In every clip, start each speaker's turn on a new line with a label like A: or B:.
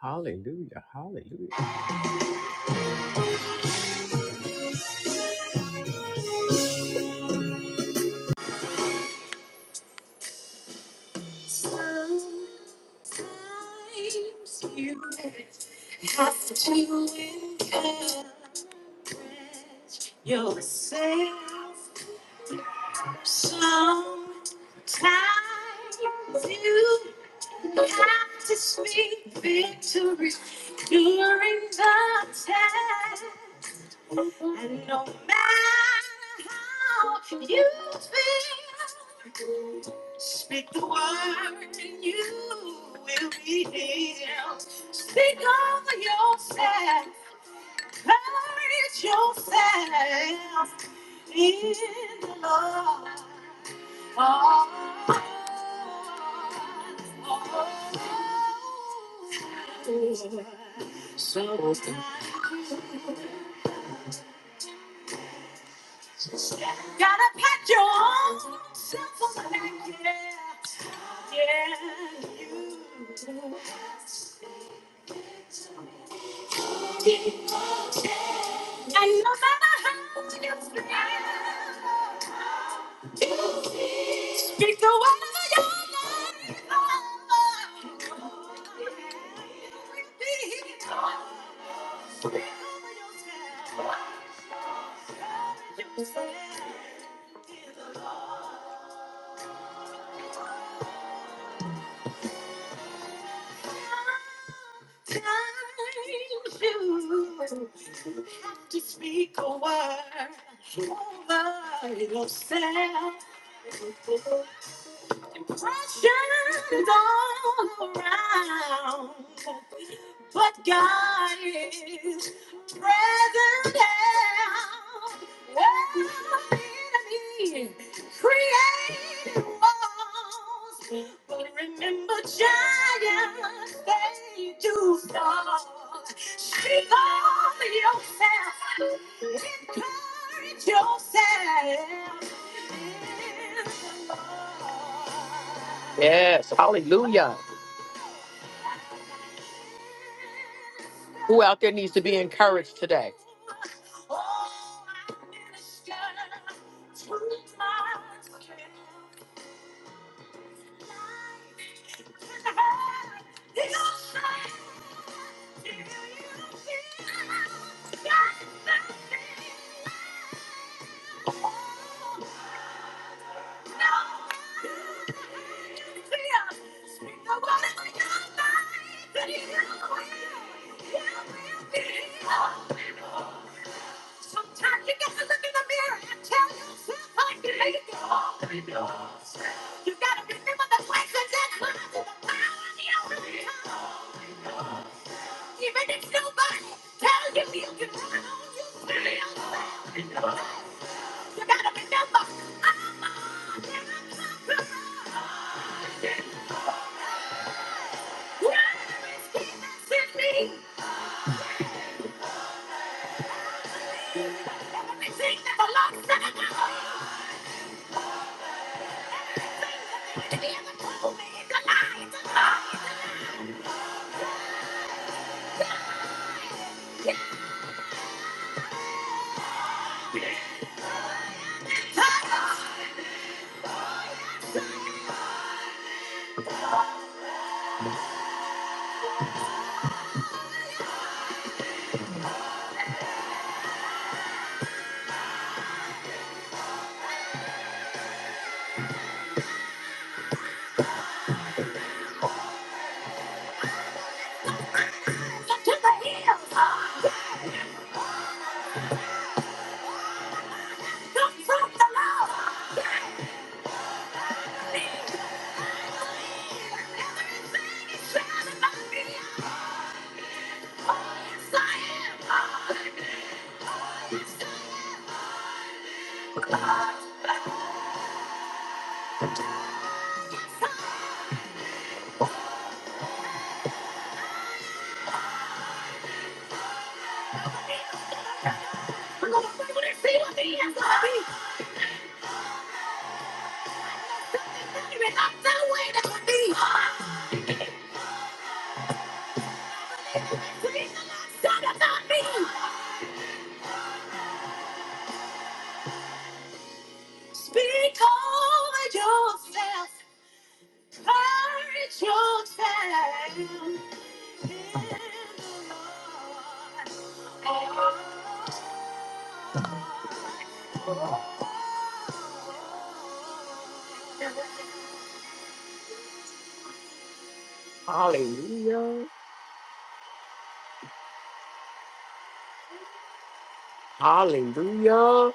A: Hallelujah. Hallelujah. Sometimes you have to encourage yourself. Sometimes you have to speak victory during the test. And no matter how you feel, speak the word and you will be healed. Speak over yourself, courage yourself in the Lord. Oh, oh, oh. oh. Gotta pat your own self on the back, yeah. Yeah, you do. And no matter how you feel, speak the word of your life. Oh, yeah. Repeat. yourself. Yourself. Sometimes you have to speak a word over yourself. Impressions all around, but God is present now. Where it is. Created walls, but remember giants they do fall. Speak over yourself, encourage yourself. Yes, hallelujah. Who out there needs to be encouraged today? Sometimes you gotta look in the mirror and tell yourself how you hate it. You gotta remember the blessings that come to the power of the only prayer. Even if nobody tells you you can run on your prayer. You gotta remember, I'm a damn conqueror. I'm gonna see what the answer will be. Something better is not the way that would be. Things are not said about me. Speak over yourself. Courage yourself. In the Lord. Hallelujah. Hallelujah.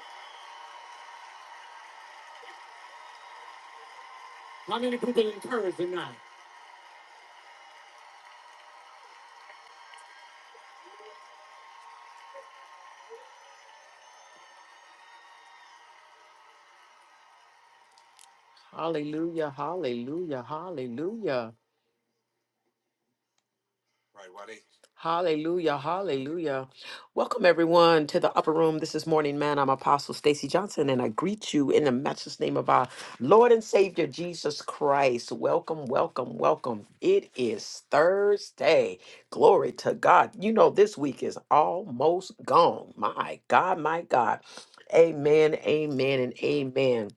A: Hallelujah. Hallelujah. Hallelujah. Hallelujah, hallelujah. Welcome everyone to the upper room. This is Morning Man. I'm Apostle Stacy Johnson and I greet you in the matchless name of our Lord and Savior Jesus Christ. Welcome, welcome, welcome. It is Thursday. Glory to God. You know this week is almost gone. My God, my God. Amen, amen and amen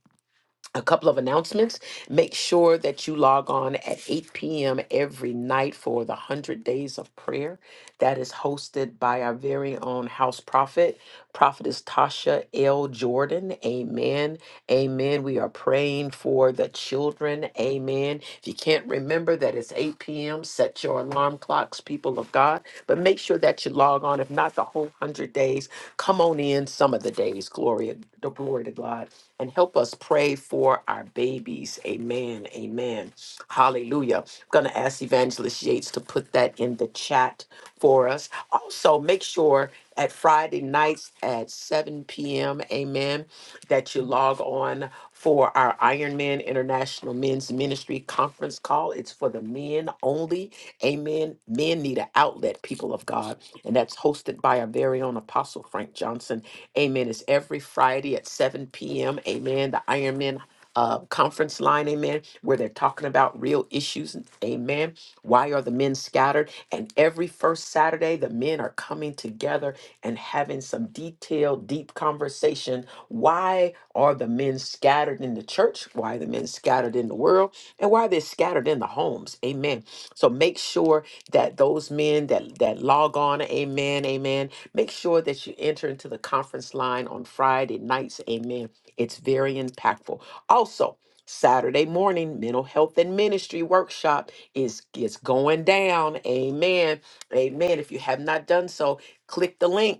A: a couple of announcements. Make sure that you log on at 8 p.m. every night for the 100 Days of Prayer. That is hosted by our very own house prophet. Prophetess Tasha L. Jordan. Amen. Amen. We are praying for the children. Amen. If you can't remember that it's 8 p.m., set your alarm clocks, people of God. But make sure that you log on. If not the whole 100 days, come on in some of the days. Glory, glory to God and help us pray for our babies. Amen. Amen. Hallelujah. I'm going to ask Evangelist Yates to put that in the chat for us. Also, make sure at Friday nights at 7 p.m. Amen. That you log on for our Iron Man International Men's Ministry conference call. It's for the men only. Amen. Men need an outlet, people of God. And that's hosted by our very own Apostle Frank Johnson Amen. It's every Friday at 7 p.m. Amen. The Ironman uh, conference line. Amen. Where they're talking about real issues. Amen. Why are the men scattered? And every first Saturday, the men are coming together and having some detailed, deep conversation. Why are the men scattered in the church? Why are the men scattered in the world? And why are they scattered in the homes? Amen. So make sure that those men that that log on, amen, amen Make sure that you enter into the conference line on Friday nights. Amen. It's very impactful. Also, Saturday morning, mental health and ministry workshop is is going down. Amen. Amen. If you have not done so, click the link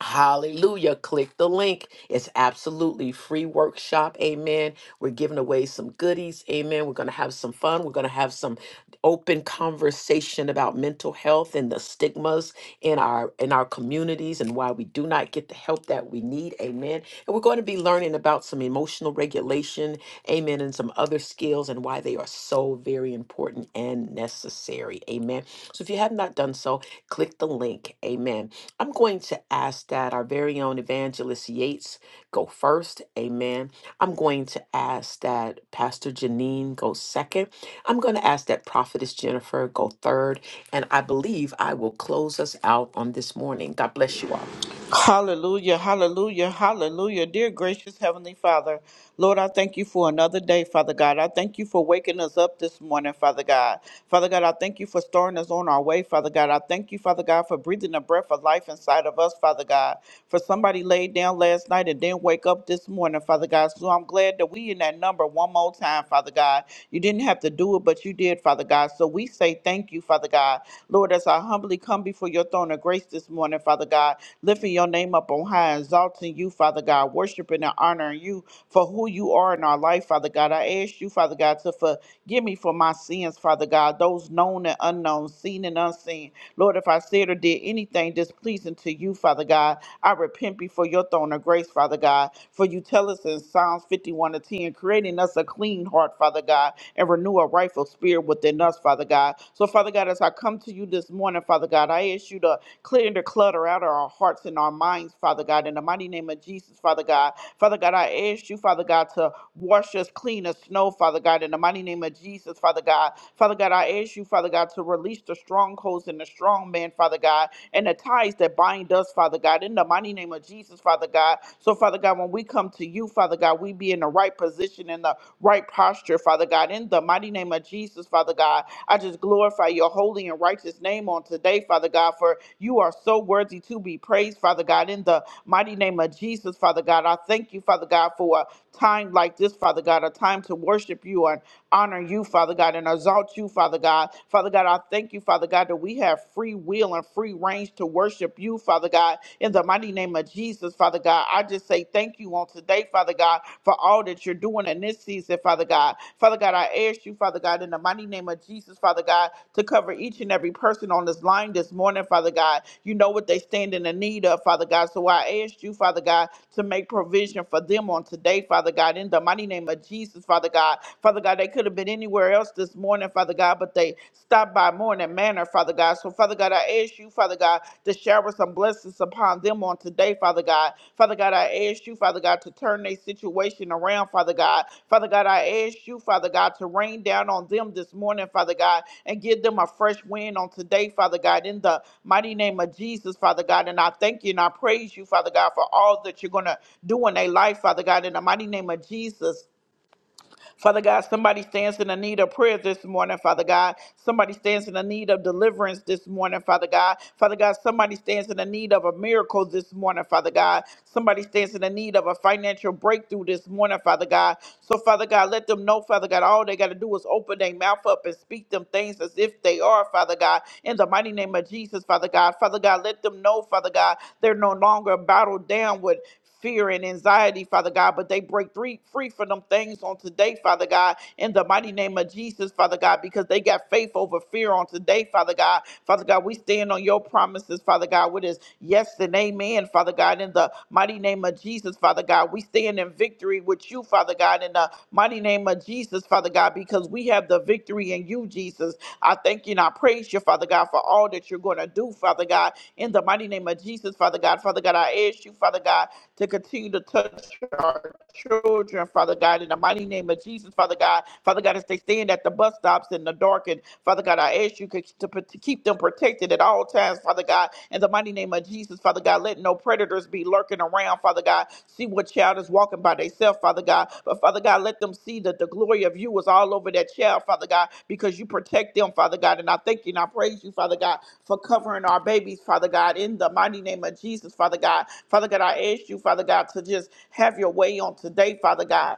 A: Hallelujah. Click the link. It's absolutely free workshop. Amen. We're giving away some goodies. Amen. We're going to have some fun. We're going to have some open conversation about mental health and the stigmas in our in our communities and why we do not get the help that we need. Amen. And we're going to be learning about some emotional regulation, amen, and some other skills and why they are so very important and necessary. Amen. So if you have not done so, click the link. Amen I'm going to ask that our very own evangelist Yates go first. Amen. I'm going to ask that Pastor Janine go second. I'm going to ask that Prophetess Jennifer go third. And I believe I will close us out on this morning. God bless you all.
B: Hallelujah, hallelujah, hallelujah. Dear gracious Heavenly Father, Lord, I thank you for another day, Father God. I thank you for waking us up this morning, Father God. Father God, I thank you for starting us on our way, Father God. I thank you, Father God, for breathing the breath of life inside of us, Father God. For somebody laid down last night and didn't wake up this morning, Father God. So I'm glad that we in that number one more time, Father God. You didn't have to do it, but you did, Father God. So we say thank you, Father God. God. Lord, as I humbly come before your throne of grace this morning, Father God, lifting your name up on high, exalting you, Father God, worshiping and honoring you for who you are in our life, Father God. I ask you, Father God, to forgive me for my sins, Father God, those known and unknown, seen and unseen. Lord, if I said or did anything displeasing to you, Father God, I repent before your throne of grace, Father God. For you tell us in Psalms 51 to 10, creating us a clean heart, Father. Father God, and renew a rightful spirit within us, Father God. So, Father God, as I come to you this morning, Father God, I ask you to clear the clutter out of our hearts and our minds, Father God, in the mighty name of Jesus, Father God. Father God, I ask you, Father God, to wash us clean as snow, Father God, in the mighty name of Jesus, Father God. Father God, I ask you, Father God, to release the strongholds and the strong man, Father God, and the ties that bind us, Father God, in the mighty name of Jesus, Father God. So, Father God, God, when we come to you, Father God, we be in the right position, in the right posture, Father God. In the mighty name of Jesus, Father God, I just glorify your holy and righteous name on today, Father God, for you are so worthy to be praised, Father God. In the mighty name of Jesus, Father God, I thank you, Father God, for time like this, Father God, a time to worship you and honor you, Father God, and exalt you, Father God. Father God, I thank you, Father God, that we have free will and free range to worship you, Father God, in the mighty name of Jesus, Father God. I just say thank you on today, Father God, for all that you're doing in this season, Father God. Father God, I ask you, Father God, in the mighty name of Jesus, Father. Father God, to cover each and every person on this line this morning, Father God. You know what they stand in the need of, Father God. So I ask you, Father God, to make provision for them on today, Father God, in the mighty name of Jesus, Father God. Father God, they could have been anywhere else this morning, Father God, but they stopped by Morning Manor, Father God. So, Father God, I ask you, Father God, to shower some blessings upon upon them on today, Father God. Father God, I ask you, Father God, to turn their situation around, Father God. Father God, I ask you, Father God, to rain down on them this morning, Father God, and give them a fresh wind on today, Father God, in the mighty name of Jesus, Father God. And I thank you and I praise you, Father God, for all that you're going to do in their life, Father God, in the mighty name of Jesus. Father God, somebody stands in the need of prayer this morning, Father God. Somebody stands in the need of deliverance this morning, Father God. Father God, somebody stands in the need of a miracle this morning, Father God. Somebody stands in the need of a financial breakthrough this morning, Father God. So, Father God, let them know, Father God, all they got to do is open their mouth up and speak them things as if they are, Father God. In the mighty name of Jesus, Father God. Father God, let them know, Father God, they're no longer battled down with fear and anxiety, Father God, but they break free, free from them things on today, Father God, in the mighty name of Jesus, Father God, because they got faith over fear on today, Father God. Father God, we stand on your promises, Father God, with us. Yes and amen, Father God, in the mighty name of Jesus, Father God. We stand in victory with you, Father God, in the mighty name of Jesus, Father God, because we have the victory in you, Jesus. I thank you and I praise you, Father God, for all that you're going to do, Father God, in the mighty name of Jesus, Father God. Father God, I ask you, Father God, to continue to touch our children, Father God, in the mighty name of Jesus, Father God. Father God, as they stand at the bus stops in the dark, and Father God, I ask you to, to, keep them protected at all times, Father God, in the mighty name of Jesus, Father God. Let no predators be lurking around, Father God. See what child is walking by themselves, Father. Father God. But Father God, let them see that the glory of you is all over that child, Father God, because you protect them, Father God. And I thank you and I praise you, Father God, for covering our babies, Father God, in the mighty name of Jesus, Father God. Father God, I ask you, Father God, to just have your way on today, Father God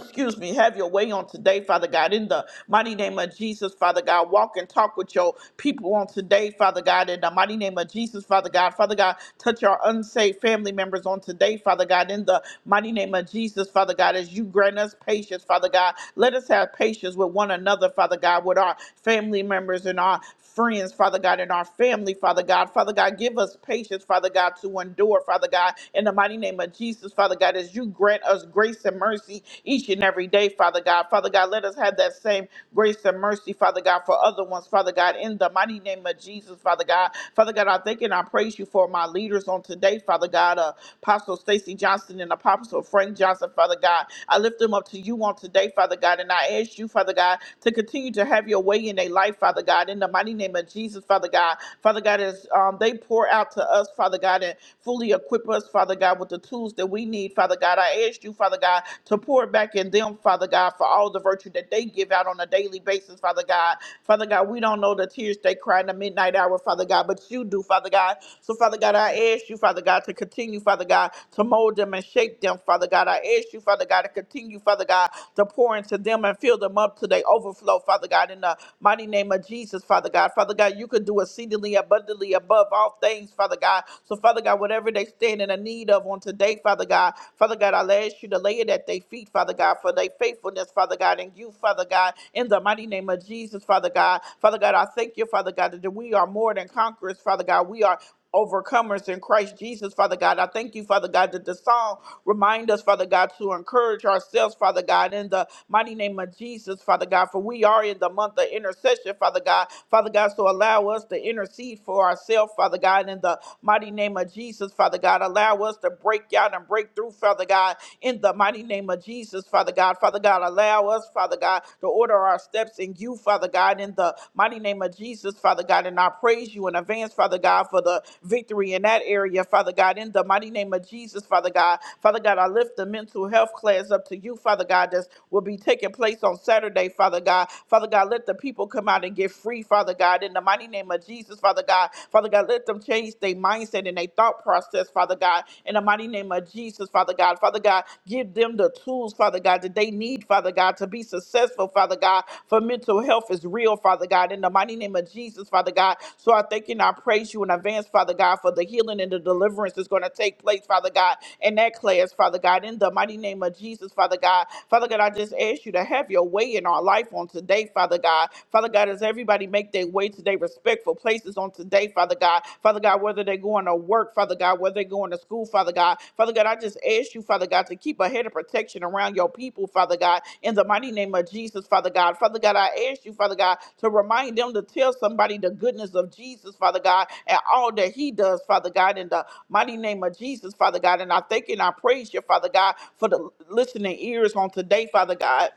B: excuse me, have your way on today, Father God, in the mighty name of Jesus, Father God. Walk and talk with your people on today, Father God, in the mighty name of Jesus, Father God. Father God, touch our unsaved family members on today, Father God, in the mighty name of Jesus, Father God, as you grant us patience, Father God. Let us have patience with one another, Father God, with our family members and our friends, Father God, in our family, Father God. Father God, give us patience, Father God, to endure, Father God, in the mighty name of Jesus, Father God, as you grant us grace and mercy each and every day, Father God. Father God, let us have that same grace and mercy, Father God, for other ones, Father God, in the mighty name of Jesus, Father God. Father God, I thank and I praise you for my leaders on today, Father God, uh, Apostle Stacy Johnson and Apostle Frank Johnson, Father God. I lift them up to you on today, Father God, and I ask you, Father God, to continue to have your way in their life, Father God, in the mighty name of Jesus, Father God. Father God, as um, they pour out to us, us, Father God, and fully equip us, Father God, with the tools that we need, Father God. I ask you, Father God, to pour back in them, Father God, for all the virtue that they give out on a daily basis, Father God. Father God, we don't know the tears they cry in the midnight hour, Father God, but you do, Father God. So, Father God, I ask you, Father God, to continue, Father God, to mold them and shape them, Father God. I ask you, Father God, to continue, Father God, to pour into them and fill them up to their overflow, Father God, in the mighty name of Jesus, Father God. Father God, you can do exceedingly abundantly above all things, Father God. So, Father God, whatever they stand in a need of on today, Father God, Father God, I'll ask you to lay it at their feet, Father God, for their faithfulness, Father God, and you, Father God, in the mighty name of Jesus, Father God. Father God, I thank you, Father God, that we are more than conquerors, Father God. We are overcomers in Christ Jesus, Father God. I thank you, Father God, that the song remind us, Father God, to encourage ourselves, Father God, in the mighty name of Jesus, Father God. For we are in the month of intercession, Father God. Father God, so allow us to intercede for ourselves, Father God, in the mighty name of Jesus, Father God. Allow us to break out and break through, Father God, in the mighty name of Jesus, Father God. Father God, allow us, Father God, to order our steps in you, Father God, in the mighty name of Jesus, Father God. And I praise you in advance, Father God, for the victory in that area, Father God, in the mighty name of Jesus, Father God. Father God, I lift the mental health class up to you, Father God, that will be taking place on Saturday, Father God. Father God, let the people come out and get free, Father God, in the mighty name of Jesus, Father God. Father God, let them change their mindset mindset and their thought process, Father God, in the mighty name of Jesus, Father God. Father God, give them the tools, Father God, that they need, Father God, to be successful, Father God, for mental health is real, Father God, in the mighty name of Jesus, Father God. So I thank you and I praise you in advance, Father God, for the healing and the deliverance that's going to take place, Father God, in that class, Father God, in the mighty name of Jesus, Father God. Father God, I just ask you to have your way in our life on today, Father God. Father God, as everybody make make their way to their respectful places on today, Father God. Father God, whether they're going to work, Father God, whether they're going to school, Father God. Father God, I just ask you, Father God, to keep a head of protection around your people, Father God, in the mighty name of Jesus, Father God. Father God, I ask you, Father God, to remind them to tell somebody the goodness of Jesus, Father God, and all that he does, Father God, in the mighty name of Jesus, Father God. And I thank you and I praise you, Father God, for the listening ears on today, Father God.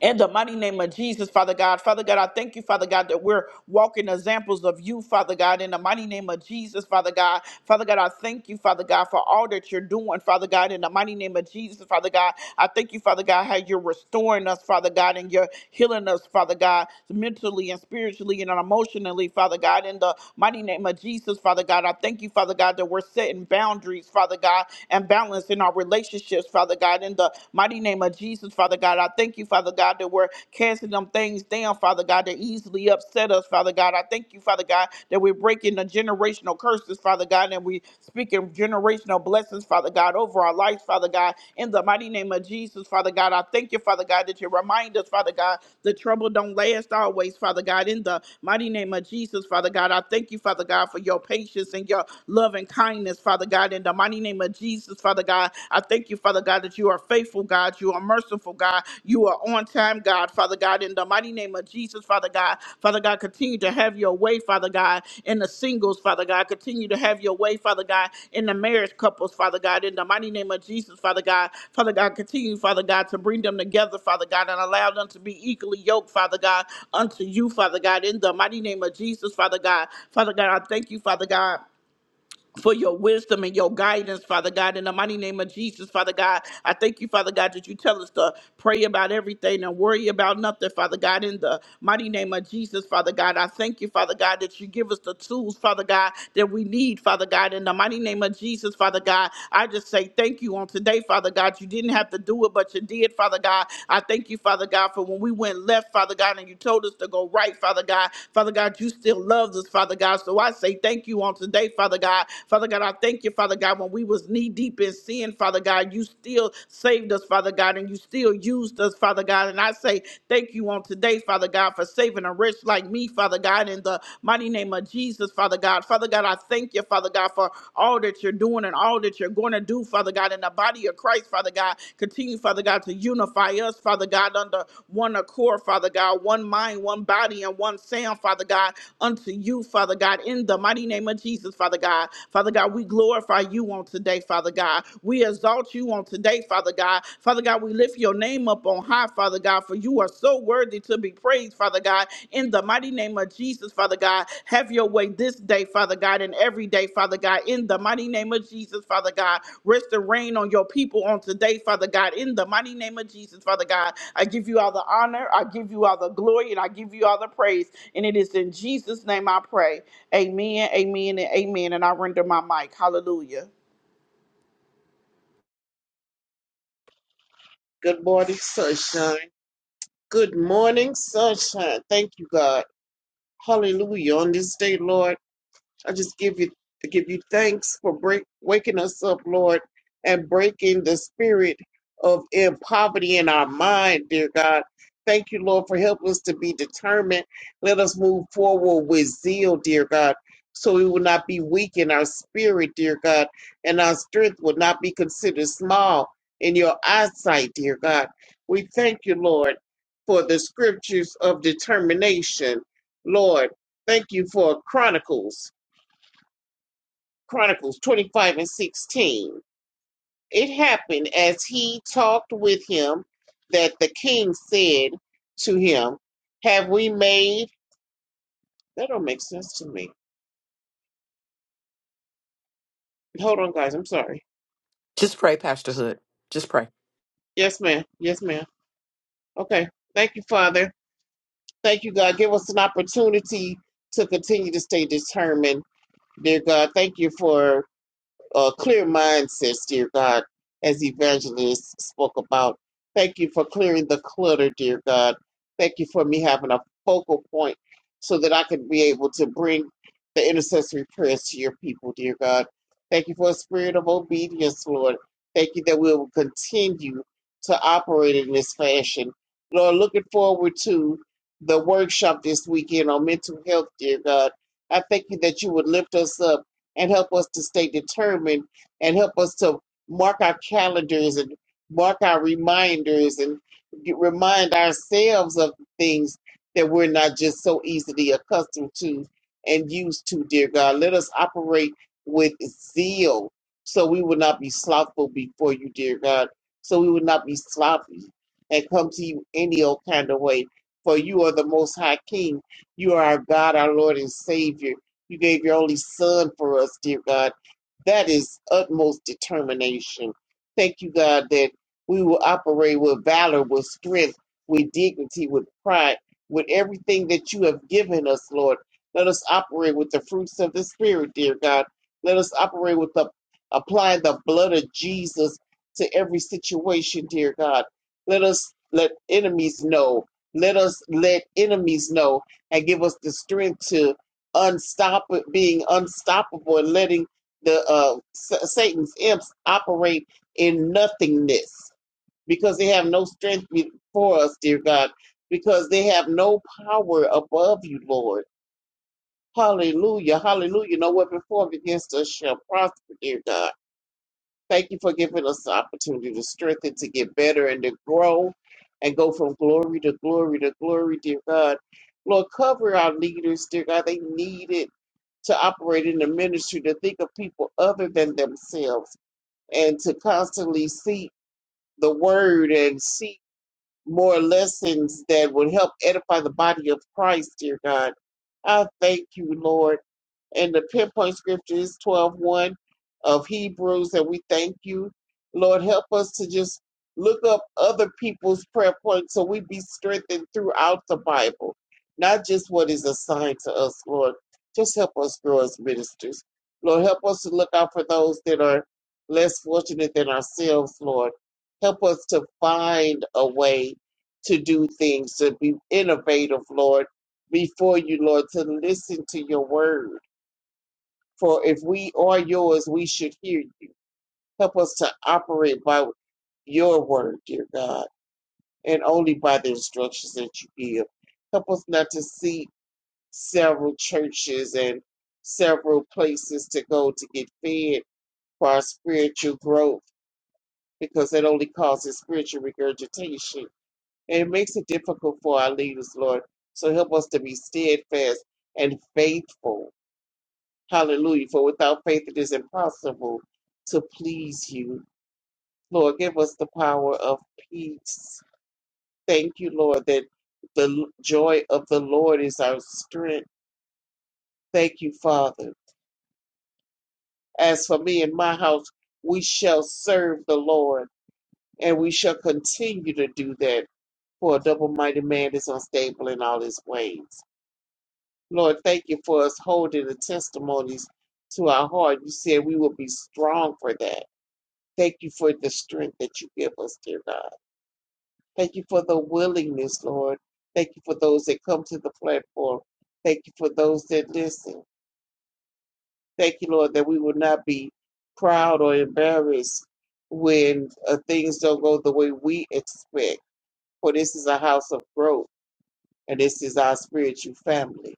B: In the mighty name of Jesus, Father God. Father God, I thank you, Father God, that we're walking examples of you, Father God. In the mighty name of Jesus, Father God. Father God, I thank you, Father God, for all that you're doing, Father God. In the mighty name of Jesus, Father God. I thank you, Father God, how you're restoring us, Father God, and you're healing us, Father God, mentally and spiritually and emotionally, Father God. In the mighty name of Jesus, Father God, I thank you, Father God, that we're setting boundaries, Father God and balance in our relationships, Father God. In the mighty name of Jesus, Father God, I thank you, Father God, that we're casting them things down, Father God, that easily upset us, Father God. I thank you, Father God, that we're breaking the generational curses, Father God, and we speaking generational blessings, Father God, over our lives, Father God. In the mighty name of Jesus, Father God, I thank you, Father God, that you remind us, Father God. The trouble don't last always, Father God. In the mighty name of Jesus, Father God, I thank you, Father God, for your patience and your love and kindness, Father God. In the mighty name of Jesus, Father God, I thank you, Father God, that you are faithful, God. You are merciful, God. You are on time, God, Father God. In the mighty name of Jesus, Father God, Father God, continue to to have your way, Father God, in the singles, Father God. Continue to have your way, Father God, in the marriage couples, Father God, in the mighty name of Jesus, Father God. Father God, continue, Father God, to bring them together, Father God, and allow them to be equally yoked, Father God, unto you, Father God, in the mighty name of Jesus, Father God. Father God, I thank you, Father God for your wisdom and your guidance, Father God, in the mighty name of Jesus, Father God. I thank you, Father God, that you tell us to pray about everything and worry about nothing, Father God, in the mighty name of Jesus, Father God. I thank you, Father God, that you give us the tools, Father God, that we need, Father God, in the mighty name of Jesus, Father God. I just say thank you on today, Father God. You didn't have to do it, but you did, Father God. I thank you, Father God, for when we went left, Father God, and you told us to go right, Father God. Father God, you still loved us, Father God. So I say thank thank you on today, Father God. Father God, I thank you, Father God, when we was knee deep in sin, Father God, you still saved us, Father God, and you still used us, Father God. And I say thank you on today, Father God, for saving a wretch like me, Father God, in the mighty name of Jesus, Father God. Father God, I thank you, Father God, for all that you're doing and all that you're going to do, Father God, in the body of Christ, Father God. Continue, Father God, to unify us, Father God, under one accord, Father God, one mind, one body, and one sound, Father God, unto to you, Father God, in the mighty name of Jesus, Father God. Father God, we glorify you on today, Father God. We exalt you on today, Father God. Father God, we lift your name up on high, Father God, for you are so worthy to be praised, Father God, in the mighty name of Jesus, Father God. Have your way this day, Father God, and every day, Father God, in the mighty name of Jesus, Father God. Rest and reign on your people on today, Father God, in the mighty name of Jesus, Father God. I give you all the honor, I give you all the glory, and I give you all the praise. And it is in Jesus' name I pray. Amen, amen, and amen. And I render my mic. Hallelujah.
C: Good morning, sunshine. Good morning, sunshine. Thank you, God. Hallelujah. On this day, Lord. I just give you give you thanks for break, waking us up, Lord, and breaking the spirit of in poverty in our mind, dear God. Thank you, Lord, for helping us to be determined. Let us move forward with zeal, dear God, so we will not be weak in our spirit, dear God, and our strength will not be considered small in your eyesight, dear God. We thank you, Lord, for the scriptures of determination. Lord, thank you for Chronicles Chronicles 25 and 16. It happened as he talked with him that the king said to him, Have we made. That don't make sense to me. Hold on, guys. I'm sorry.
A: Just pray, Pastor Hood. Just pray.
C: Yes, ma'am. Yes, ma'am. Okay. Thank you, Father. Thank you, God. Give us an opportunity to continue to stay determined, dear God. Thank you for uh, clear mindsets, dear God, as Evangelist spoke about. Thank you for clearing the clutter, dear God. Thank you for me having a focal point so that I can be able to bring the intercessory prayers to your people, dear God. Thank you for a spirit of obedience, Lord. Thank you that we will continue to operate in this fashion. Lord, looking forward to the workshop this weekend on mental health, dear God. I thank you that you would lift us up and help us to stay determined and help us to mark our calendars and mark our reminders and get- remind ourselves of the things that we're not just so easily accustomed to and used to, dear God. Let us operate with zeal so we will not be slothful before you, dear God. So we will not be sloppy and come to you any old kind of way. For you are the most high king. You are our God, our Lord and Savior you gave your only son for us, dear God. That is utmost determination. Thank you, God, that we will operate with valor, with strength, with dignity, with pride, with everything that you have given us, Lord. Let us operate with the fruits of the Spirit, dear God. Let us operate with the applying the blood of Jesus to every situation, dear God. Let us let enemies know. Let us let enemies know and give us the strength to Unstoppable, being unstoppable and letting the uh, Sa- Satan's imps operate in nothingness because they have no strength before us, dear God, because they have no power above you, Lord. Hallelujah, hallelujah. No weapon formed against us shall prosper, dear God. Thank you for giving us the opportunity to strengthen, to get better, and to grow and go from glory to glory to glory, dear God. Lord, cover our leaders, dear God. They need it to operate in the ministry, to think of people other than themselves, and to constantly seek the word and seek more lessons that would help edify the body of Christ, dear God. I thank you, Lord. And the pinpoint scripture is 12 one of Hebrews, and we thank you. Lord, help us to just look up other people's prayer points so we be strengthened throughout the Bible, not just what is assigned to us, Lord. Just help us grow as ministers. Lord, help us to look out for those that are less fortunate than ourselves, Lord. Help us to find a way to do things, to be innovative, Lord, before you, Lord, to listen to your word. For if we are yours, we should hear you. Help us to operate by your word, dear God, and only by the instructions that you give. Help us not to seek several churches and several places to go to get fed for our spiritual growth because that only causes spiritual regurgitation And it makes it difficult for our leaders, Lord. So help us to be steadfast and faithful. Hallelujah. For without faith, it is impossible to please you. Lord, give us the power of peace. Thank you, Lord, that the l- joy of the Lord is our strength. Thank you, Father. As for me and my house, we shall serve the Lord and we shall continue to do that. For a double minded man is unstable in all his ways. Lord, thank you for us holding the testimonies to our heart. You said we will be strong for that. Thank you for the strength that you give us, dear God. Thank you for the willingness, Lord. Thank you for those that come to the platform. Thank you for those that listen. Thank you, Lord, that we will not be proud or embarrassed when uh, things don't go the way we expect. For this is a house of growth, and this is our spiritual family.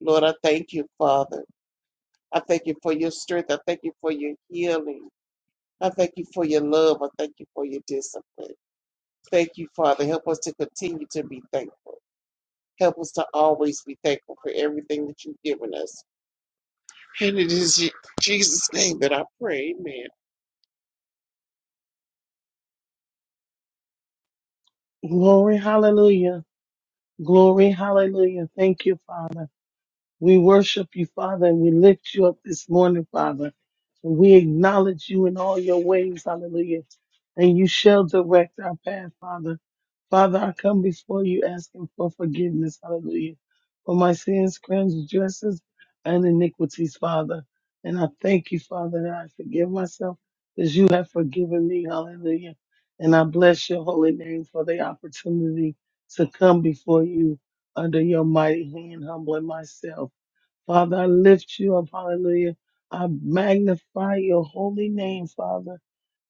C: Lord, I thank you, Father. I thank you for your strength. I thank you for your healing. I thank you for your love. I thank you for your discipline. Thank you, Father. Help us to continue to be thankful. Help us to always be thankful for everything that you've given us. And it is in Jesus' name that I pray. Amen.
D: Glory, hallelujah. Glory, hallelujah. Thank you, Father. We worship you, Father, and we lift you up this morning, Father. And we acknowledge you in all your ways, hallelujah. And you shall direct our path, Father. Father, I come before you asking for forgiveness, hallelujah, for my sins, transgressions, and iniquities, Father. And I thank you, Father, that I forgive myself as you have forgiven me, hallelujah. And I bless your holy name for the opportunity to come before you under your mighty hand, humbling myself. Father, I lift you up. Hallelujah. I magnify your holy name, Father.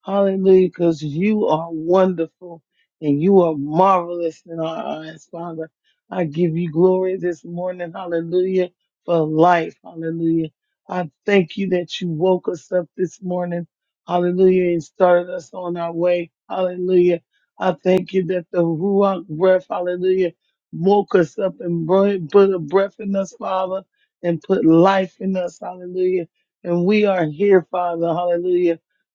D: Hallelujah, because you are wonderful and you are marvelous in our eyes, Father. I give you glory this morning, hallelujah, for life, hallelujah. I thank you that you woke us up this morning, hallelujah, and started us on our way, hallelujah. I thank you that the Ruach breath, hallelujah, woke us up and bro- put a breath in us, Father, and put life in us, hallelujah. And we are here, Father, hallelujah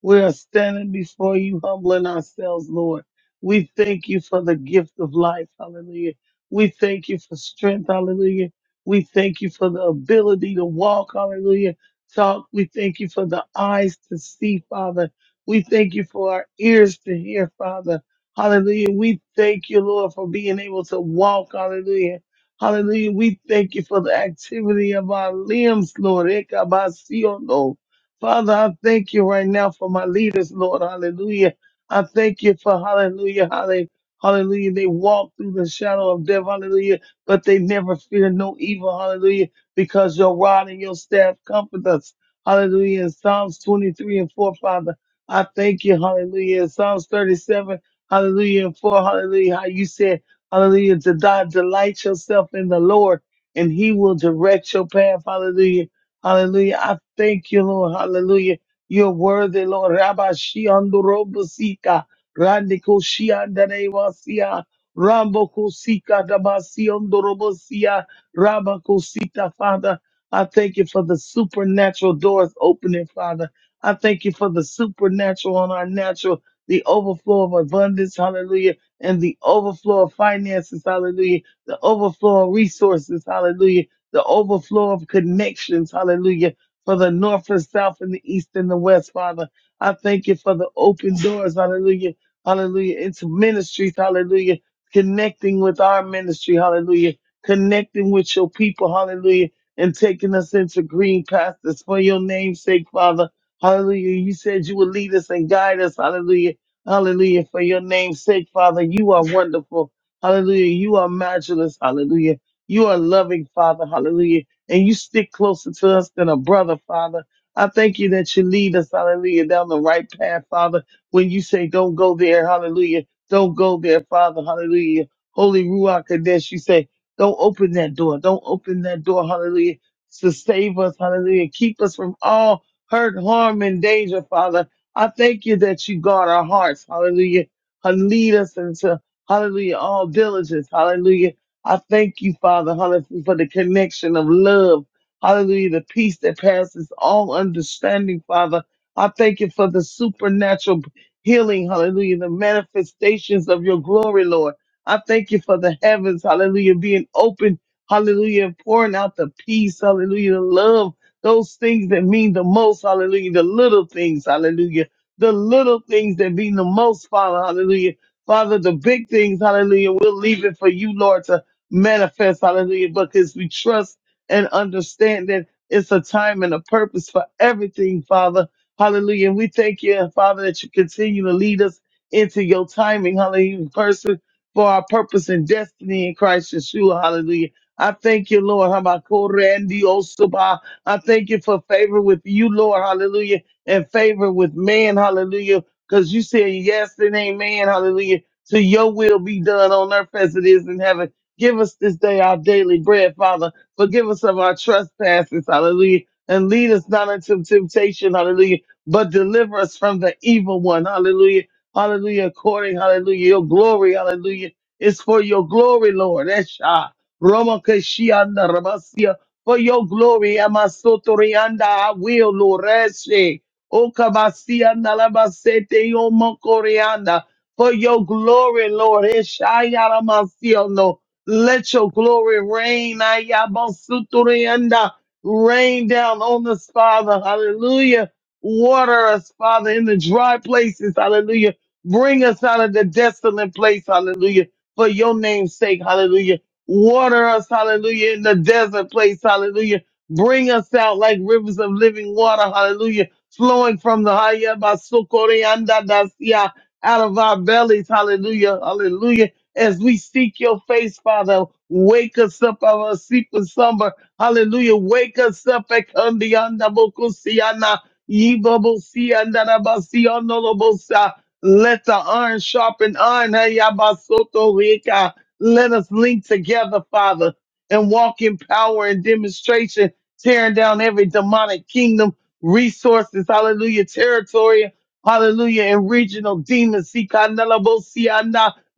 D: we are standing before you, humbling ourselves, Lord. We thank you for the gift of life. Hallelujah. We thank you for strength. Hallelujah. We thank you for the ability to walk. Hallelujah. Talk. We thank you for the eyes to see, Father. We thank you for our ears to hear, Father. Hallelujah. We thank you, Lord, for being able to walk. Hallelujah. Hallelujah. We thank you for the activity of our limbs, Lord. Ekabasiono. Father, I thank you right now for my leaders, Lord. Hallelujah. I thank you for hallelujah, hallelujah. Hallelujah. They walk through the shadow of death. Hallelujah. But they never fear no evil. Hallelujah. Because your rod and your staff comfort us. Hallelujah. In Psalms 23 and 4, Father, I thank you. Hallelujah. In Psalms 37, hallelujah and 4, hallelujah. How you said, hallelujah, to die, delight yourself in the Lord and he will direct your path. Hallelujah. Hallelujah. I thank you, Lord. Hallelujah. You're worthy, Lord. Rabba Shiandorobosika. Randiko Shiandanewasia. Rambo Kosika Dabasiondorobosia. Rabba Kosita, Father. I thank you for the supernatural doors opening, Father. I thank you for the supernatural on our natural, the overflow of abundance, hallelujah, and the overflow of finances, hallelujah, the overflow of resources, hallelujah the overflow of connections, hallelujah, for the north and south and the east and the west, Father. I thank you for the open doors, hallelujah, hallelujah, into ministries, hallelujah, connecting with our ministry, hallelujah, connecting with your people, hallelujah, and taking us into green pastures for your name's sake, Father. Hallelujah. You said you would lead us and guide us, hallelujah. Hallelujah. For your name's sake, Father, you are wonderful. Hallelujah. You are matchless. Hallelujah. You are loving, Father. Hallelujah. And you stick closer to us than a brother, Father. I thank you that you lead us, hallelujah, down the right path, Father. When you say, don't go there, hallelujah. Don't go there, Father. Hallelujah. Holy Ruach Kadesh, you say, don't open that door. Don't open that door. Hallelujah. To save us. Hallelujah. Keep us from all hurt, harm, and danger, Father. I thank you that you guard our hearts. Hallelujah. And lead us into, hallelujah, all diligence. Hallelujah. I thank you, Father, hallelujah, for the connection of love. Hallelujah, the peace that passes all understanding, Father. I thank you for the supernatural healing, hallelujah, the manifestations of your glory, Lord. I thank you for the heavens, hallelujah, being open, hallelujah, and pouring out the peace, hallelujah, the love, those things that mean the most, hallelujah, the little things, hallelujah, the little things that mean the most, Father, hallelujah. Father, the big things, hallelujah, we'll leave it for you, Lord, to manifest, hallelujah, because we trust and understand that it's a time and a purpose for everything, Father. Hallelujah. And we thank you, Father, that you continue to lead us into your timing, hallelujah, person for our purpose and destiny in Christ Yeshua, hallelujah. I thank you, Lord. Habakkuk-rendi-osaba. I thank you for favor with you, Lord, hallelujah, and favor with man, hallelujah, because you said yes and amen, hallelujah, to your will be done on earth as it is in heaven. Give us this day our daily bread, Father. Forgive us of our trespasses, hallelujah. And lead us not into temptation, hallelujah. But deliver us from the evil one, hallelujah. Hallelujah. According, hallelujah. Your glory, hallelujah. It's for your glory, Lord. Esha. Roma Keshianda Rabasia. For your glory, Amasotorianda, I will, Lord. Eshe. Okabasianda Labasete Yomokorianda. For your glory, Lord. Esha Yaramasiono. Let your glory reign. Ayabasuturianda. Rain down on us, Father. Hallelujah. Water us, Father, in the dry places. Hallelujah. Bring us out of the desolate place. Hallelujah. For your name's sake. Hallelujah. Water us. Hallelujah. In the desert place. Hallelujah. Bring us out like rivers of living water. Hallelujah. Flowing from the Hayabasukurianda Dasia out of our bellies. Hallelujah. Hallelujah as we seek your face, Father. Wake us up out of our sleepless slumber. Hallelujah. Wake us up. Ekandianda bokusiana, yibabosianda rabasianolobosa. Let the iron sharpen iron. Hayabasoto rika. Let us link together, Father, and walk in power and demonstration, tearing down every demonic kingdom, resources, hallelujah, territory, hallelujah, and regional demons.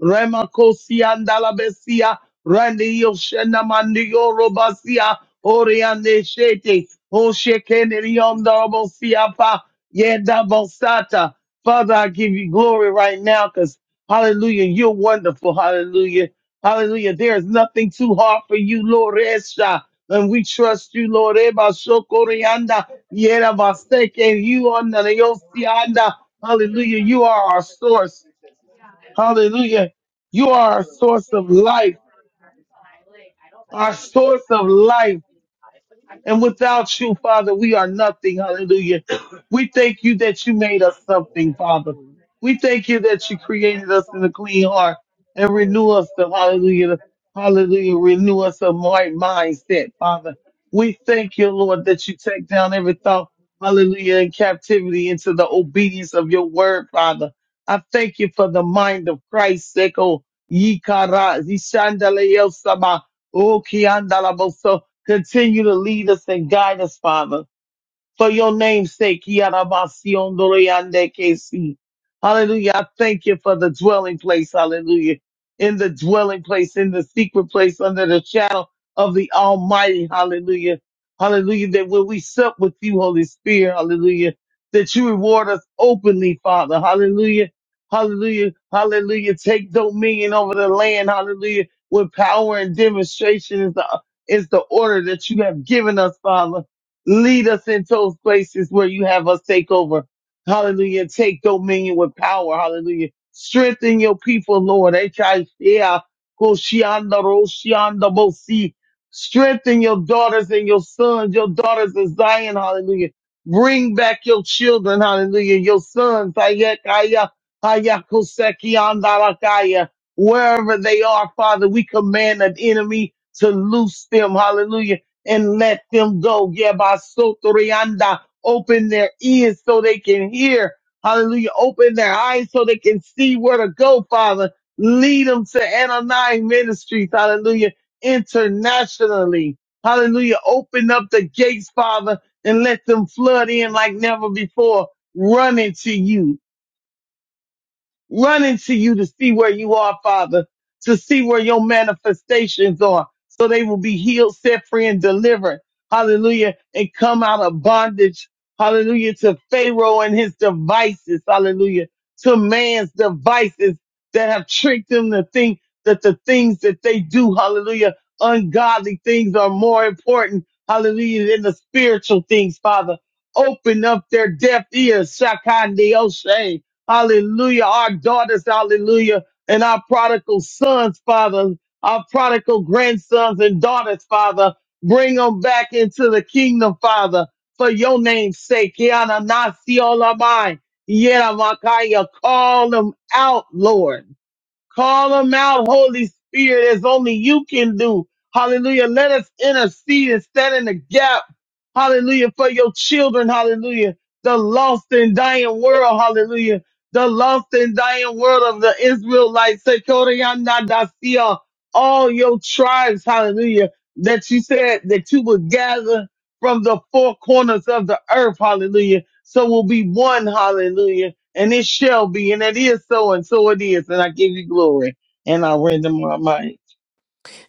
D: Remakosia and Alabesia, Randy Yoshena Mandio Robasia, Oriande Shete, Oshekenerion Darabosia Pa Yenda Bosata. Father, I give you glory right now because hallelujah, you're wonderful. Hallelujah. Hallelujah. There is nothing too hard for you, Lord Esha. And we trust you, Lord Eba Shokorianda. Yera Baseke, you on the Yosianda. Hallelujah. You are our source. Hallelujah. You are our source of life, our source of life. And without you, Father, we are nothing. Hallelujah. We thank you that you made us something, Father. We thank you that you created us in a clean heart and renew us the hallelujah. Hallelujah. Renew us a right mindset, Father. We thank you, Lord, that you take down every thought, hallelujah, in captivity into the obedience of your word, Father. I thank you for the mind of Christ, Seko, Yikara, Zishandaleo Sama, O kiandalabo. Continue to lead us and guide us, Father for your name's sake. Yarabasiondoroyandekesi. Hallelujah. I thank you for the dwelling place. Hallelujah. In the dwelling place, in the secret place, under the shadow of the Almighty. Hallelujah. Hallelujah. That when we sup with you, Holy Spirit, hallelujah, that you reward us openly, Father. Hallelujah. Hallelujah. Hallelujah. Take dominion over the land. Hallelujah. With power and demonstration is the, is the order that you have given us, Father. Lead us into those places where you have us take over. Hallelujah. Take dominion with power. Hallelujah. Strengthen your people, Lord. H-I-C-A, Koshianda, Roshianda, Bosi. Strengthen your daughters and your sons, your daughters of Zion. Hallelujah. Bring back your children. Hallelujah. Your sons. Hayakaya, Hayakoseki, Andarakaya. Wherever they are, Father, we command an enemy to loose them. Hallelujah and let them go. Yabasotorianda. Open their ears so they can hear. Hallelujah. Open their eyes so they can see where to go, Father. Lead them to Anani Ministries. Hallelujah. Internationally. Hallelujah. Open up the gates, Father, and let them flood in like never before. Running to you running to you to see where you are, Father, to see where your manifestations are, so they will be healed, set free, and delivered. Hallelujah. And come out of bondage. Hallelujah. To Pharaoh and his devices. Hallelujah. To man's devices that have tricked them to think that the things that they do, hallelujah, ungodly things are more important. Hallelujah. Than the spiritual things, Father. Open up their deaf ears. Shakandiyoshe. Hallelujah. Our daughters, hallelujah. And our prodigal sons, Father, our prodigal grandsons and daughters, Father, bring them back into the kingdom, Father, for your name's sake. Yana nasi olamai. Yena makaya. Call them out, Lord. Call them out, Holy Spirit, as only you can do. Hallelujah. Let us intercede and stand in the gap. Hallelujah. For your children. Hallelujah. The lost and dying world. Hallelujah. The lost and dying world of the Israelites. Sekoryandadasia. All your tribes. Hallelujah. That you said that you would gather from the four corners of the earth. Hallelujah. So we'll be one. Hallelujah and it shall be, and it is so, and so it is, and I give you glory, and I render my mind.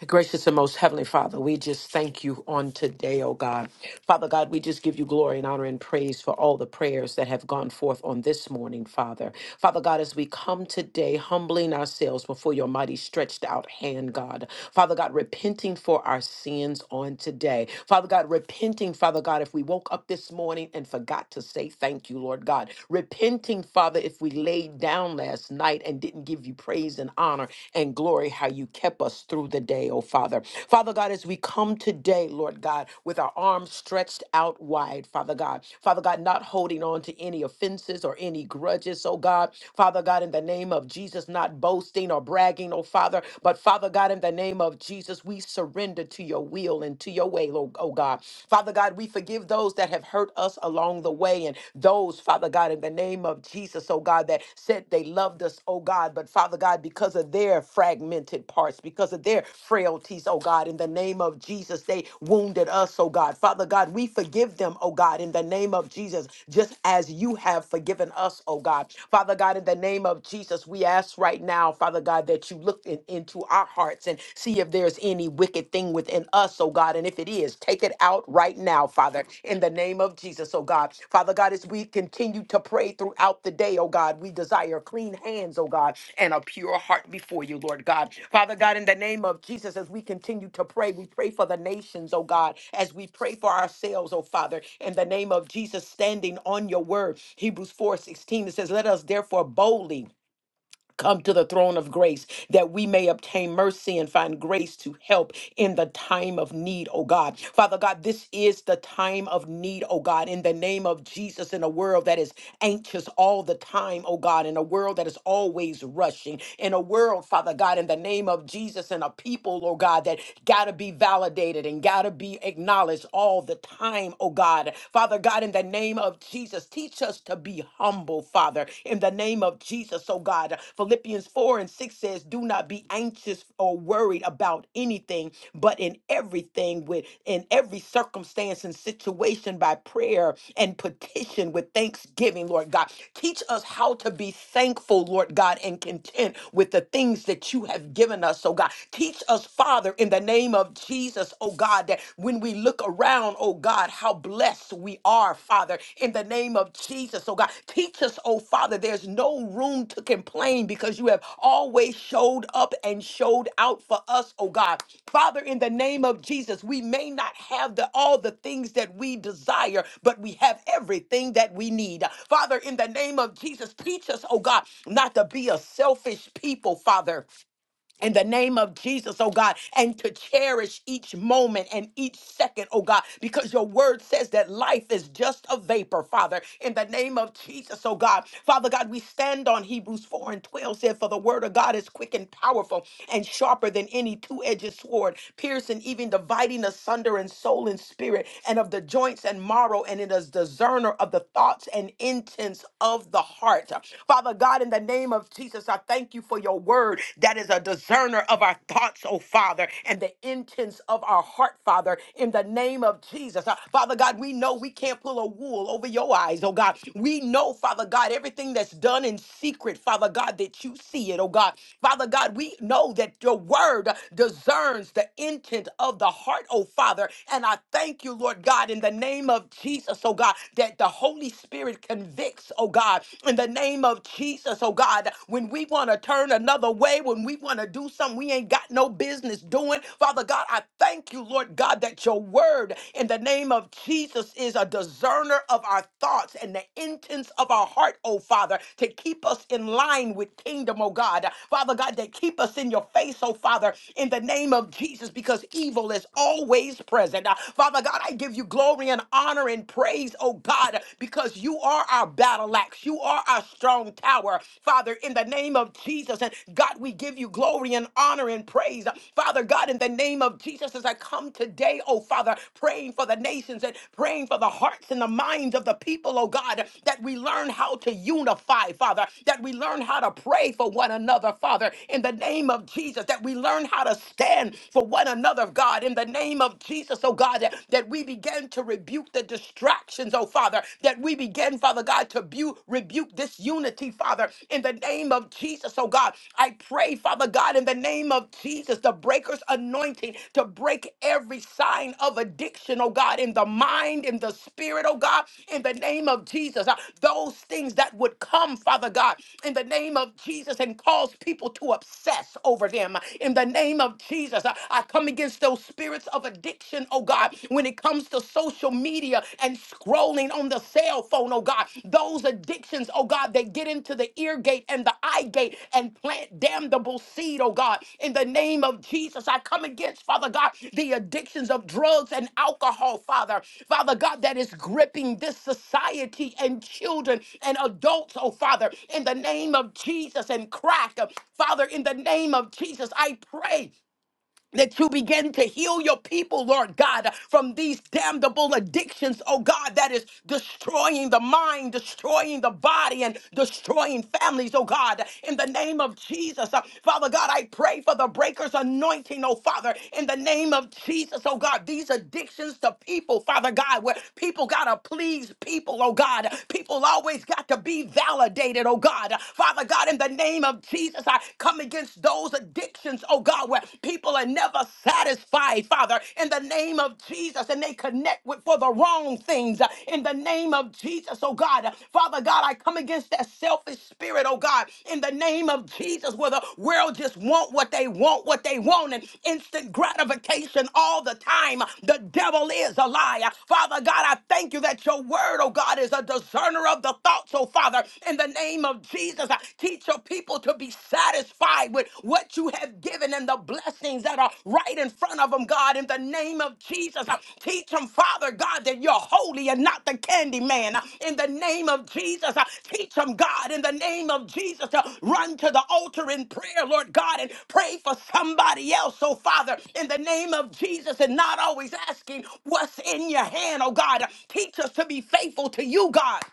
A: Gracious and most heavenly Father, we just thank you on today, oh God. Father God, we just give you glory and honor and praise for all the prayers that have gone forth on this morning, Father. Father God, as we come today humbling ourselves before your mighty stretched out hand, God. Father God, repenting for our sins on today. Father God, repenting, Father God, if we woke up this morning and forgot to say thank you, Lord God. Repenting, Father, if we laid down last night and didn't give you praise and honor and glory, how you kept us through the day, oh Father. Father God, as we come today, day, Lord God, with our arms stretched out wide, Father God. Father God, not holding on to any offenses or any grudges, oh God. Father God, in the name of Jesus, not boasting or bragging, oh Father, but Father God, in the name of Jesus, we surrender to your will and to your way, oh oh God. Father God, we forgive those that have hurt us along the way and those, Father God, in the name of Jesus, oh God, that said said they loved us, oh God, but Father God, because of their fragmented parts, because of their frailties, oh God, in the name of Jesus, they wounded us, oh God. Father God, we forgive them, oh God, in the name of Jesus, just as you have forgiven us, oh God. Father God, in the name of Jesus, we ask right now, Father God, that you look in- into our hearts and see if there's any wicked thing within us, oh God, and if it is, is. Take it out right now, Father, in the name of Jesus, oh God. Father God, as we continue to pray throughout the day, oh God, we desire clean hands, oh God, and a pure heart before you, Lord God. Father God, in the name of Jesus, as we continue to pray, we pray for the nations, oh God, as we pray for ourselves, oh Father, in the name of Jesus, standing on your word. Hebrews four sixteen. it says, Let us therefore boldly Come to the throne of grace that we may obtain mercy and find grace to help in the time of need, oh God. Father God, this is the time of need, oh God, in the name of Jesus, in a world that is anxious all the time, oh God, in a world that is always rushing, in a world, Father God, in the name of Jesus, and a people, oh God, that gotta be validated and gotta be acknowledged all the time, oh God. Father God, in the name of Jesus. Jesus. Teach us to be humble, Father, in the name of Jesus, oh God. Philippians 4 and 6 says, Do not be anxious or worried about anything, but in everything, with in every circumstance and situation by prayer and petition with thanksgiving, Lord God. Teach us how to be thankful, Lord God, and content with the things that you have given us, oh God. Teach us, Father, in the name of Jesus, oh God, God, that when we look around, oh God, how blessed we are, Father, in the name of Jesus, oh God. Teach us, oh Father, there's no room to complain because you have always showed up and showed out for us, oh God. Father, in the name of Jesus, we may not have the all the things that we desire, but we have everything that we need. Father, in the name of Jesus, teach us, oh God, not to be a selfish people, Father in the name of Jesus, oh God, and to cherish each moment and each second, oh God, because your word says that life is just a vapor, Father, in the name of Jesus, oh God. Father God, we stand on Hebrews 4 and 12, said, For the word of God is quick and powerful and sharper than any two edged sword, piercing even dividing asunder in soul and spirit, and of the joints and marrow, and it is discerner of the thoughts and intents of the heart. Father God, in the name of Jesus, I thank you for your word that is a discerner of our thoughts, oh Father, and the intents of our heart, Father, in the name of Jesus. Uh, Father God, we know we can't pull a wool over your eyes, oh God. We know, Father God. God, everything that's done in secret, Father God, that you see it, oh God. Father God, we know that your word discerns the intent of the heart, oh Father. And I thank you, Lord God, in the name of Jesus, oh God, that the Holy Spirit convicts, oh God, in the name of Jesus, oh God, when we want to turn another way, when we want to do something we ain't got no business doing, Father God, I thank you, Lord God, that your word, in the name name of Jesus is a discerner of our thoughts and the intents of our heart, oh Father, to keep us in line with kingdom, oh God. Father God, that keep us in your face, oh Father, in the name of Jesus, because evil is always present. Uh, Father God, I give you glory and honor and praise, oh God, because you are our battle axe. You are our strong tower, Father, in the name of Jesus. And God, we give you glory and honor and and praise. Father God, in the name of Jesus, as I come today, oh Father, praying for the nations and praying for the hearts and the minds of the people, oh God, that we learn how to unify, Father, that we learn how to pray for one another, Father, in the name of Jesus, that we learn how to stand for one another, God, in the name of Jesus, oh God, that, that we begin to rebuke the distractions, oh Father, that we begin, Father God, to bu- rebuke disunity unity, Father, in the name of Jesus, oh God. I pray, Father God, in the name of Jesus, the breaker's anointing to break every sign of addiction, oh God, in the mind, in the spirit, oh God, in the name of Jesus. Uh, Those things that would come, Father God, in the name of Jesus and cause people to obsess over them. Uh, In the name of Jesus, I I come against those spirits of addiction, oh God, when it comes to social social media and scrolling on the cell phone, oh God. Those addictions, oh God, they get into the ear gate and the eye gate and plant damnable seed, oh God. In the name of Jesus, I come against, Father God, the addictions of drugs and alcohol, Father. Father God, that is gripping this society and children and adults, oh Father. In the name of Jesus and crack, Father, in the name of Jesus, I pray that you begin to heal your people, Lord God, from these damnable addictions, oh God, that is destroying the mind, destroying the body, and destroying families, oh God, in the name of Jesus. Uh, Father God, I pray for the breaker's anointing, oh Father, in the name of Jesus, oh God, these addictions to people, Father God, where people gotta please people, oh God, people always got to be validated, oh God. Father God, in the name of Jesus, I come against against those addictions, oh God, where people are never satisfied, Father, in the name of Jesus, and they connect with for the wrong things. uh, In the name of Jesus, oh God, Uh, Father God, I come against that selfish spirit, oh God, in the name of Jesus, where the world just want what they want, what they want, and instant gratification all the time. The devil is a liar, Father God. I thank you that your word, oh God, is a discerner of the thoughts, oh Father, in the name of Jesus. Jesus. Uh, Teach your people to be satisfied with what you have given and the blessings that are right in front of them, God, in the name of Jesus. Uh, Teach them, Father God, that you're holy and not the candy man. Uh, In the name of Jesus, uh, teach them, God, in the name of Jesus, to run to the altar in prayer, Lord God, and pray for somebody else. So, Father, in the name of Jesus, and not always asking what's in your hand, oh God. Uh, Teach us to be faithful to you, God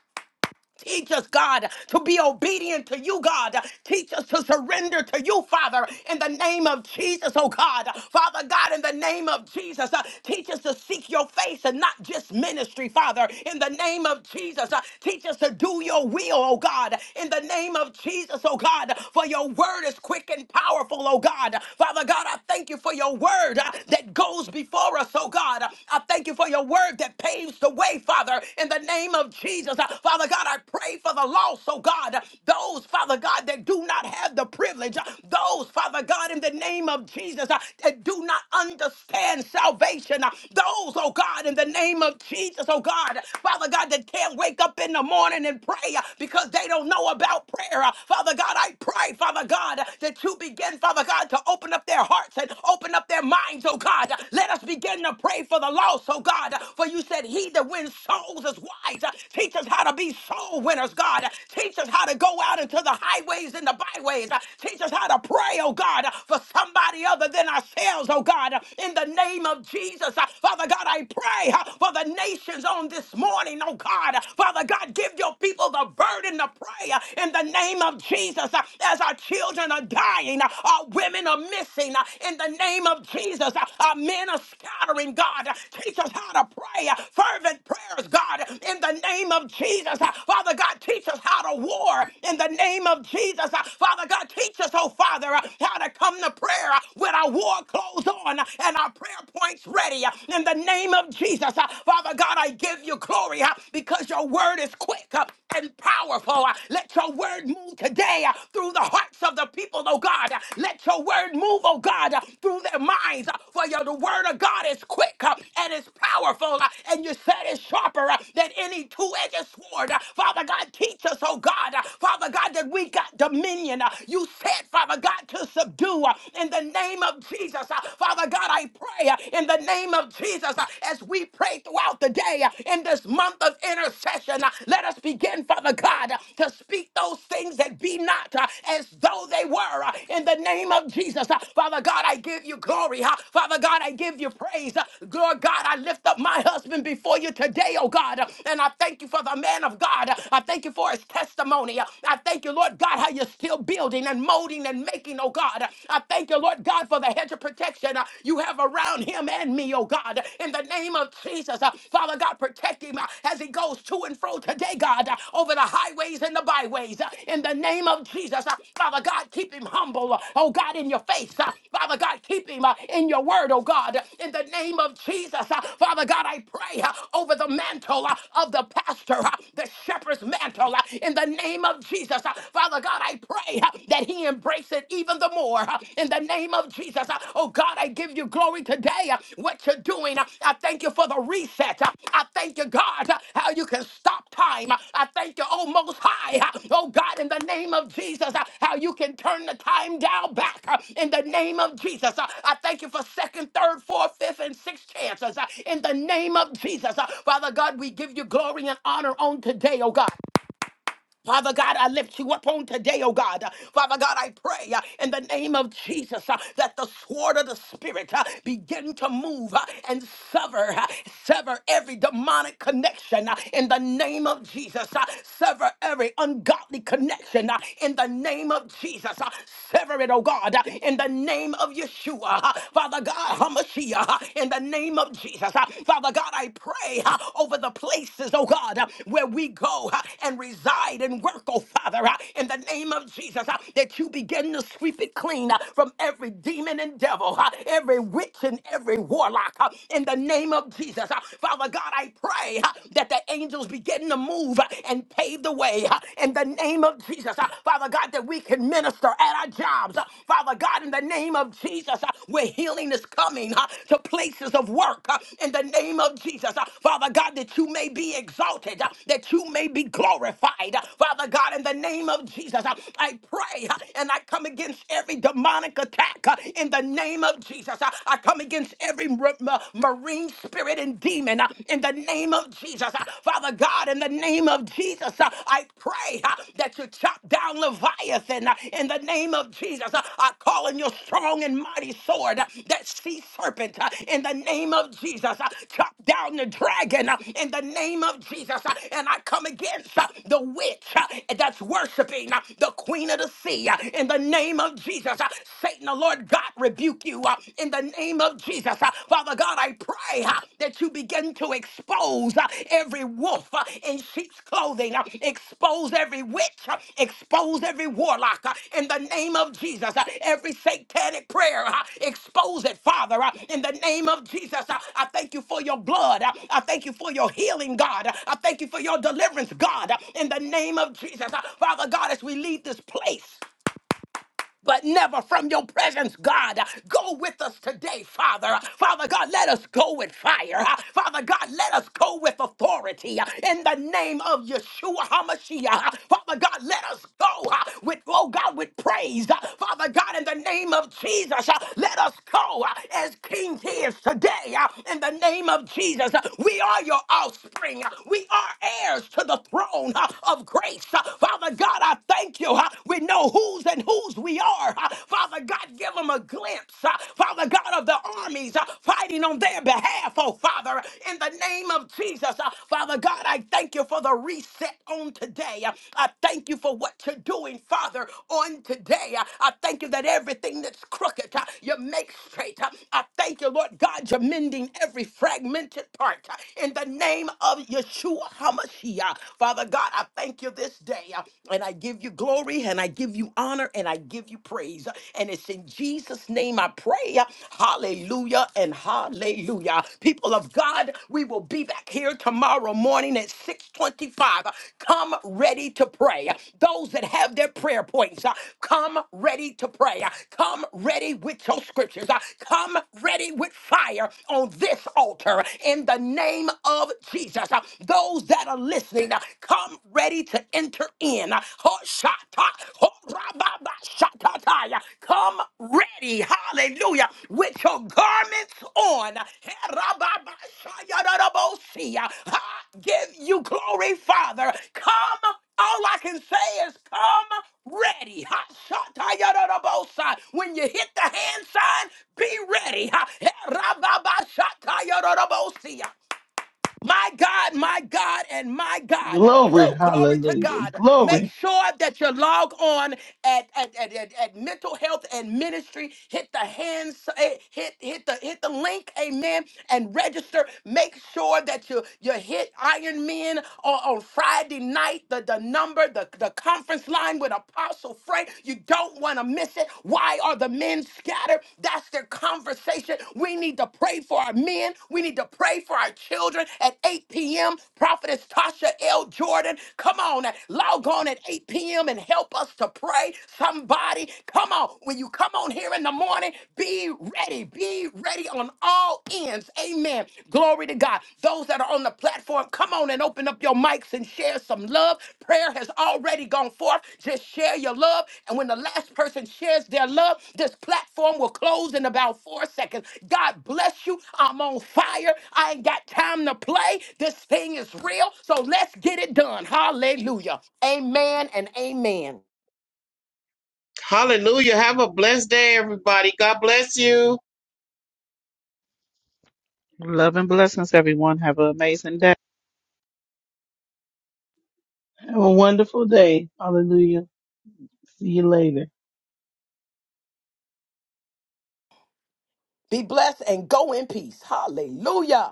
A: Teach us, God, to be obedient to you, God. Teach us to surrender to you, Father, in the name of Jesus, oh God. Father God, in the name of Jesus, uh, teach us to seek your face and not just ministry, Father, in the name of Jesus. uh, teach us to do your will, oh God, in the name of Jesus, oh God, for your word is quick and powerful, oh God. Father God, I thank you for your word uh, that goes before us, oh God. I thank you for your word that paves the way, Father, in the name of Jesus. Uh, Father God, I pray Pray for the lost, oh God. Those, Father God, that do not have the privilege. Those, Father God, in the name of Jesus, uh, that do not understand salvation. uh, Those, oh God, in the name of Jesus, oh God. Father God, that can't wake up in the morning and pray uh, because they don't know about prayer. Uh, Father God, I pray, Father God, that you begin, Father God, to open up their hearts and open up their minds, oh God. Let us begin to pray for the lost, oh God. For you said, He that wins souls is wise. Teach us how to be soul soul winners, God. Teach us how to go out into the highways and the byways. Teach us how to pray, oh God, for somebody other than ourselves, oh God, in the name of Jesus. Father God, I pray for the nations on this morning, oh God. Father God, give your people the burden to pray in the name of Jesus as our children are dying, our women are missing in the name of Jesus, our men are scattering, God. Teach us how to pray fervent prayers, God, in the name of Jesus. Father Father God, teach us how to war in the name of Jesus. Uh, Father God, teach us, oh Father, uh, how to come to prayer uh, with our war clothes on uh, and our prayer points ready uh, in the name of Jesus. Uh, Father God, I give you glory uh, because your word is quick uh, and powerful. Uh, Let your word move today uh, through the hearts of the people, oh God. Uh, Let your word move, oh God, uh, through their minds. Uh, For your, the word of God is quick uh, and it's powerful, uh, and you said it's sharper uh, than any two-edged sword. Uh, Father Father God, teach us, oh God, uh, Father God, that we got dominion. Uh, You said, Father God, to subdue uh, in the name of Jesus. Uh, Father God, I pray uh, in the name of Jesus uh, as we pray throughout the day uh, in this month of intercession. uh, Let us begin, Father God, uh, to speak those things that be not uh, as though they were uh, in the name of Jesus. Uh, Father God, I give you glory. uh, Father God, I give you praise. Uh, Lord God, I lift up my husband before you today, oh God, uh, and I thank you for the man of God. uh, I thank you for his testimony. I thank you, Lord God, how you're still building and molding and making, oh God. I thank you, Lord God, for the hedge of protection uh, you have around him and me, oh God. In the name of Jesus, uh, Father God, protect him uh, as he goes to and fro today, God, uh, over the highways and the byways. uh, In the name of Jesus, uh, Father God, keep him humble, uh, oh God, in your face. uh, Father God, keep him uh, in your word, oh God. In the name of Jesus, uh, Father God, I pray uh, over the mantle uh, of the pastor, uh, the shepherds mantle uh, in the name of Jesus. Uh, Father God, I pray uh, that he embrace it even the more uh, in the name of Jesus. Uh, Oh God, I give you glory today. uh, What you're doing, Uh, I thank you for the reset. Uh, I thank you, God, uh, how you can stop time. Uh, I thank you, oh Most High. Uh, Oh God, in the name of Jesus, uh, how you can turn the time down back uh, in the name of Jesus. Uh, I thank you for second, third, fourth, fifth, and sixth chances uh, in the name of Jesus. Uh, Father God, we give you glory and honor on today, oh God. Father God, I lift you up on today, oh God. Uh, Father God, I pray uh, in the name of Jesus uh, that the sword of the Spirit uh, begin to move uh, and sever, uh, sever every demonic connection uh, in the name of Jesus. uh, Sever every ungodly connection uh, in the name of Jesus. uh, Sever it, oh God, uh, in the name of Yeshua. uh, Father God, Hamashiach, uh, in the name of Jesus. uh, uh, Father God, I pray uh, over the places, oh God, uh, where we go uh, and reside and work, oh Father, uh, in the name of Jesus, uh, that you begin to sweep it clean uh, from every demon and devil, uh, every witch and every warlock, uh, in the name of Jesus. uh, Father God, I pray uh, that the angels begin to move uh, and pave the way uh, in the name of Jesus. uh, Father God, that we can minister at our jobs, uh, Father God, in the name of Jesus, uh, where healing is coming uh, to places of work, uh, in the name of Jesus, uh, Father God, that you may be exalted, uh, that you may be glorified. Uh, Father God, in the name of Jesus, uh, I pray uh, and I come against every demonic attack uh, in the name of Jesus. Uh, I come against every mar- ma- marine spirit and demon uh, in the name of Jesus. Uh, Father God, in the name of of Jesus, uh, I pray uh, that you chop down Leviathan uh, in the name of Jesus. Uh, I call in your strong and mighty sword, uh, that sea serpent uh, in the name of Jesus. Uh, Chop down the dragon uh, in the name of Jesus. Uh, And I come against uh, the witch uh, that's worshiping uh, the queen of the sea uh, in the name of Jesus. Uh, Satan, the Lord God, rebuke you uh, in the name of Jesus. Uh, Father God, I pray uh, that you begin to expose uh, every wolf uh, in sheep's clothing, uh, expose every witch, uh, expose every warlock uh, in the name of Jesus, uh, every satanic prayer, uh, expose it, Father, uh, in the name of Jesus. Uh, I thank you for your blood. Uh, I thank you for your healing, God. Uh, I thank you for your deliverance, God, uh, in the name of Jesus. Uh, Father God, as we leave this place but never from your presence, God. Go with us today, Father. Father God, let us go with fire. Father God, let us go with authority in the name of Yeshua HaMashiach. Father God, let us go with, oh God, with praise. Father God, in in the name of Jesus. Uh, Let us go uh, as King is today uh, in the name of Jesus. Uh, We are your offspring. Uh, We are heirs to the throne uh, of grace. Uh, Father God, I thank you. uh, We know whose and whose we are. Uh, Father God, give them a glimpse. uh, Father God of the armies uh, fighting on their behalf, oh Father, in the name of Jesus. Uh, Father God, I thank you for the a reset on today. Uh, I thank you for what you're doing, Father, on today. Uh, I thank you that everything that's crooked, uh, you make straight. Uh, I thank you, Lord God, you're mending every fragmented part uh, in the name of Yeshua HaMashiach. Father God, I thank you this day uh, and I give you glory and I give you honor and I give you praise. Uh, And it's in Jesus' name I pray. Uh, Hallelujah. Hallelujah and hallelujah. People of God, we will be back here tomorrow morning at 625. Come ready to pray. Those that have their prayer points, uh, come ready to pray. Uh, Come ready with your scriptures. Uh, Come ready with fire on this altar in the name of Jesus. Uh, Those that are listening, uh, come ready to enter in. Uh, shata, horababa Shakataya. Come ready, hallelujah, with your garments on. Herababashayadarabosia. I give you glory, Father. Come, all I can say is come ready. Hashatayadarabosa. When you hit the hand sign, be ready. Ha- Herababashayadarabosia. My God, my God, and my God.
D: Glory,
A: Woo, glory to
D: hallelujah,
A: God. Make
D: glory.
A: sure that you log on at, at, at, at, at mental health and ministry. Hit the hands, eh, hit hit the hit the link, amen, and register. Make sure that you you hit Iron Men on, on Friday night, the, the number, the, the conference line with Apostle Frank. You you don't want to miss it. Why are the men scattered? That's their conversation. We need to pray for our men. We need to pray for our children at 8 p.m. Prophetess Tasha L. Jordan, come on, log on at 8 p.m. and help us to pray. Somebody, come on. When you come on here in the morning, be ready. Be ready on all ends. Amen. Glory to God. Those that are on the platform, come on and open up your mics and share some love. Prayer has already gone forth. Just share your love. And when the last person shares their love, this platform will close in about four seconds. God bless you. I'm on fire. I ain't got time to play. This thing is real. So let's get it done. Hallelujah. Amen and amen.
C: Hallelujah. Have a blessed day, everybody. God bless you.
B: Love and blessings, everyone. Have an amazing day.
D: Have a wonderful day, hallelujah. See you later.
A: Be blessed and go in peace. Hallelujah.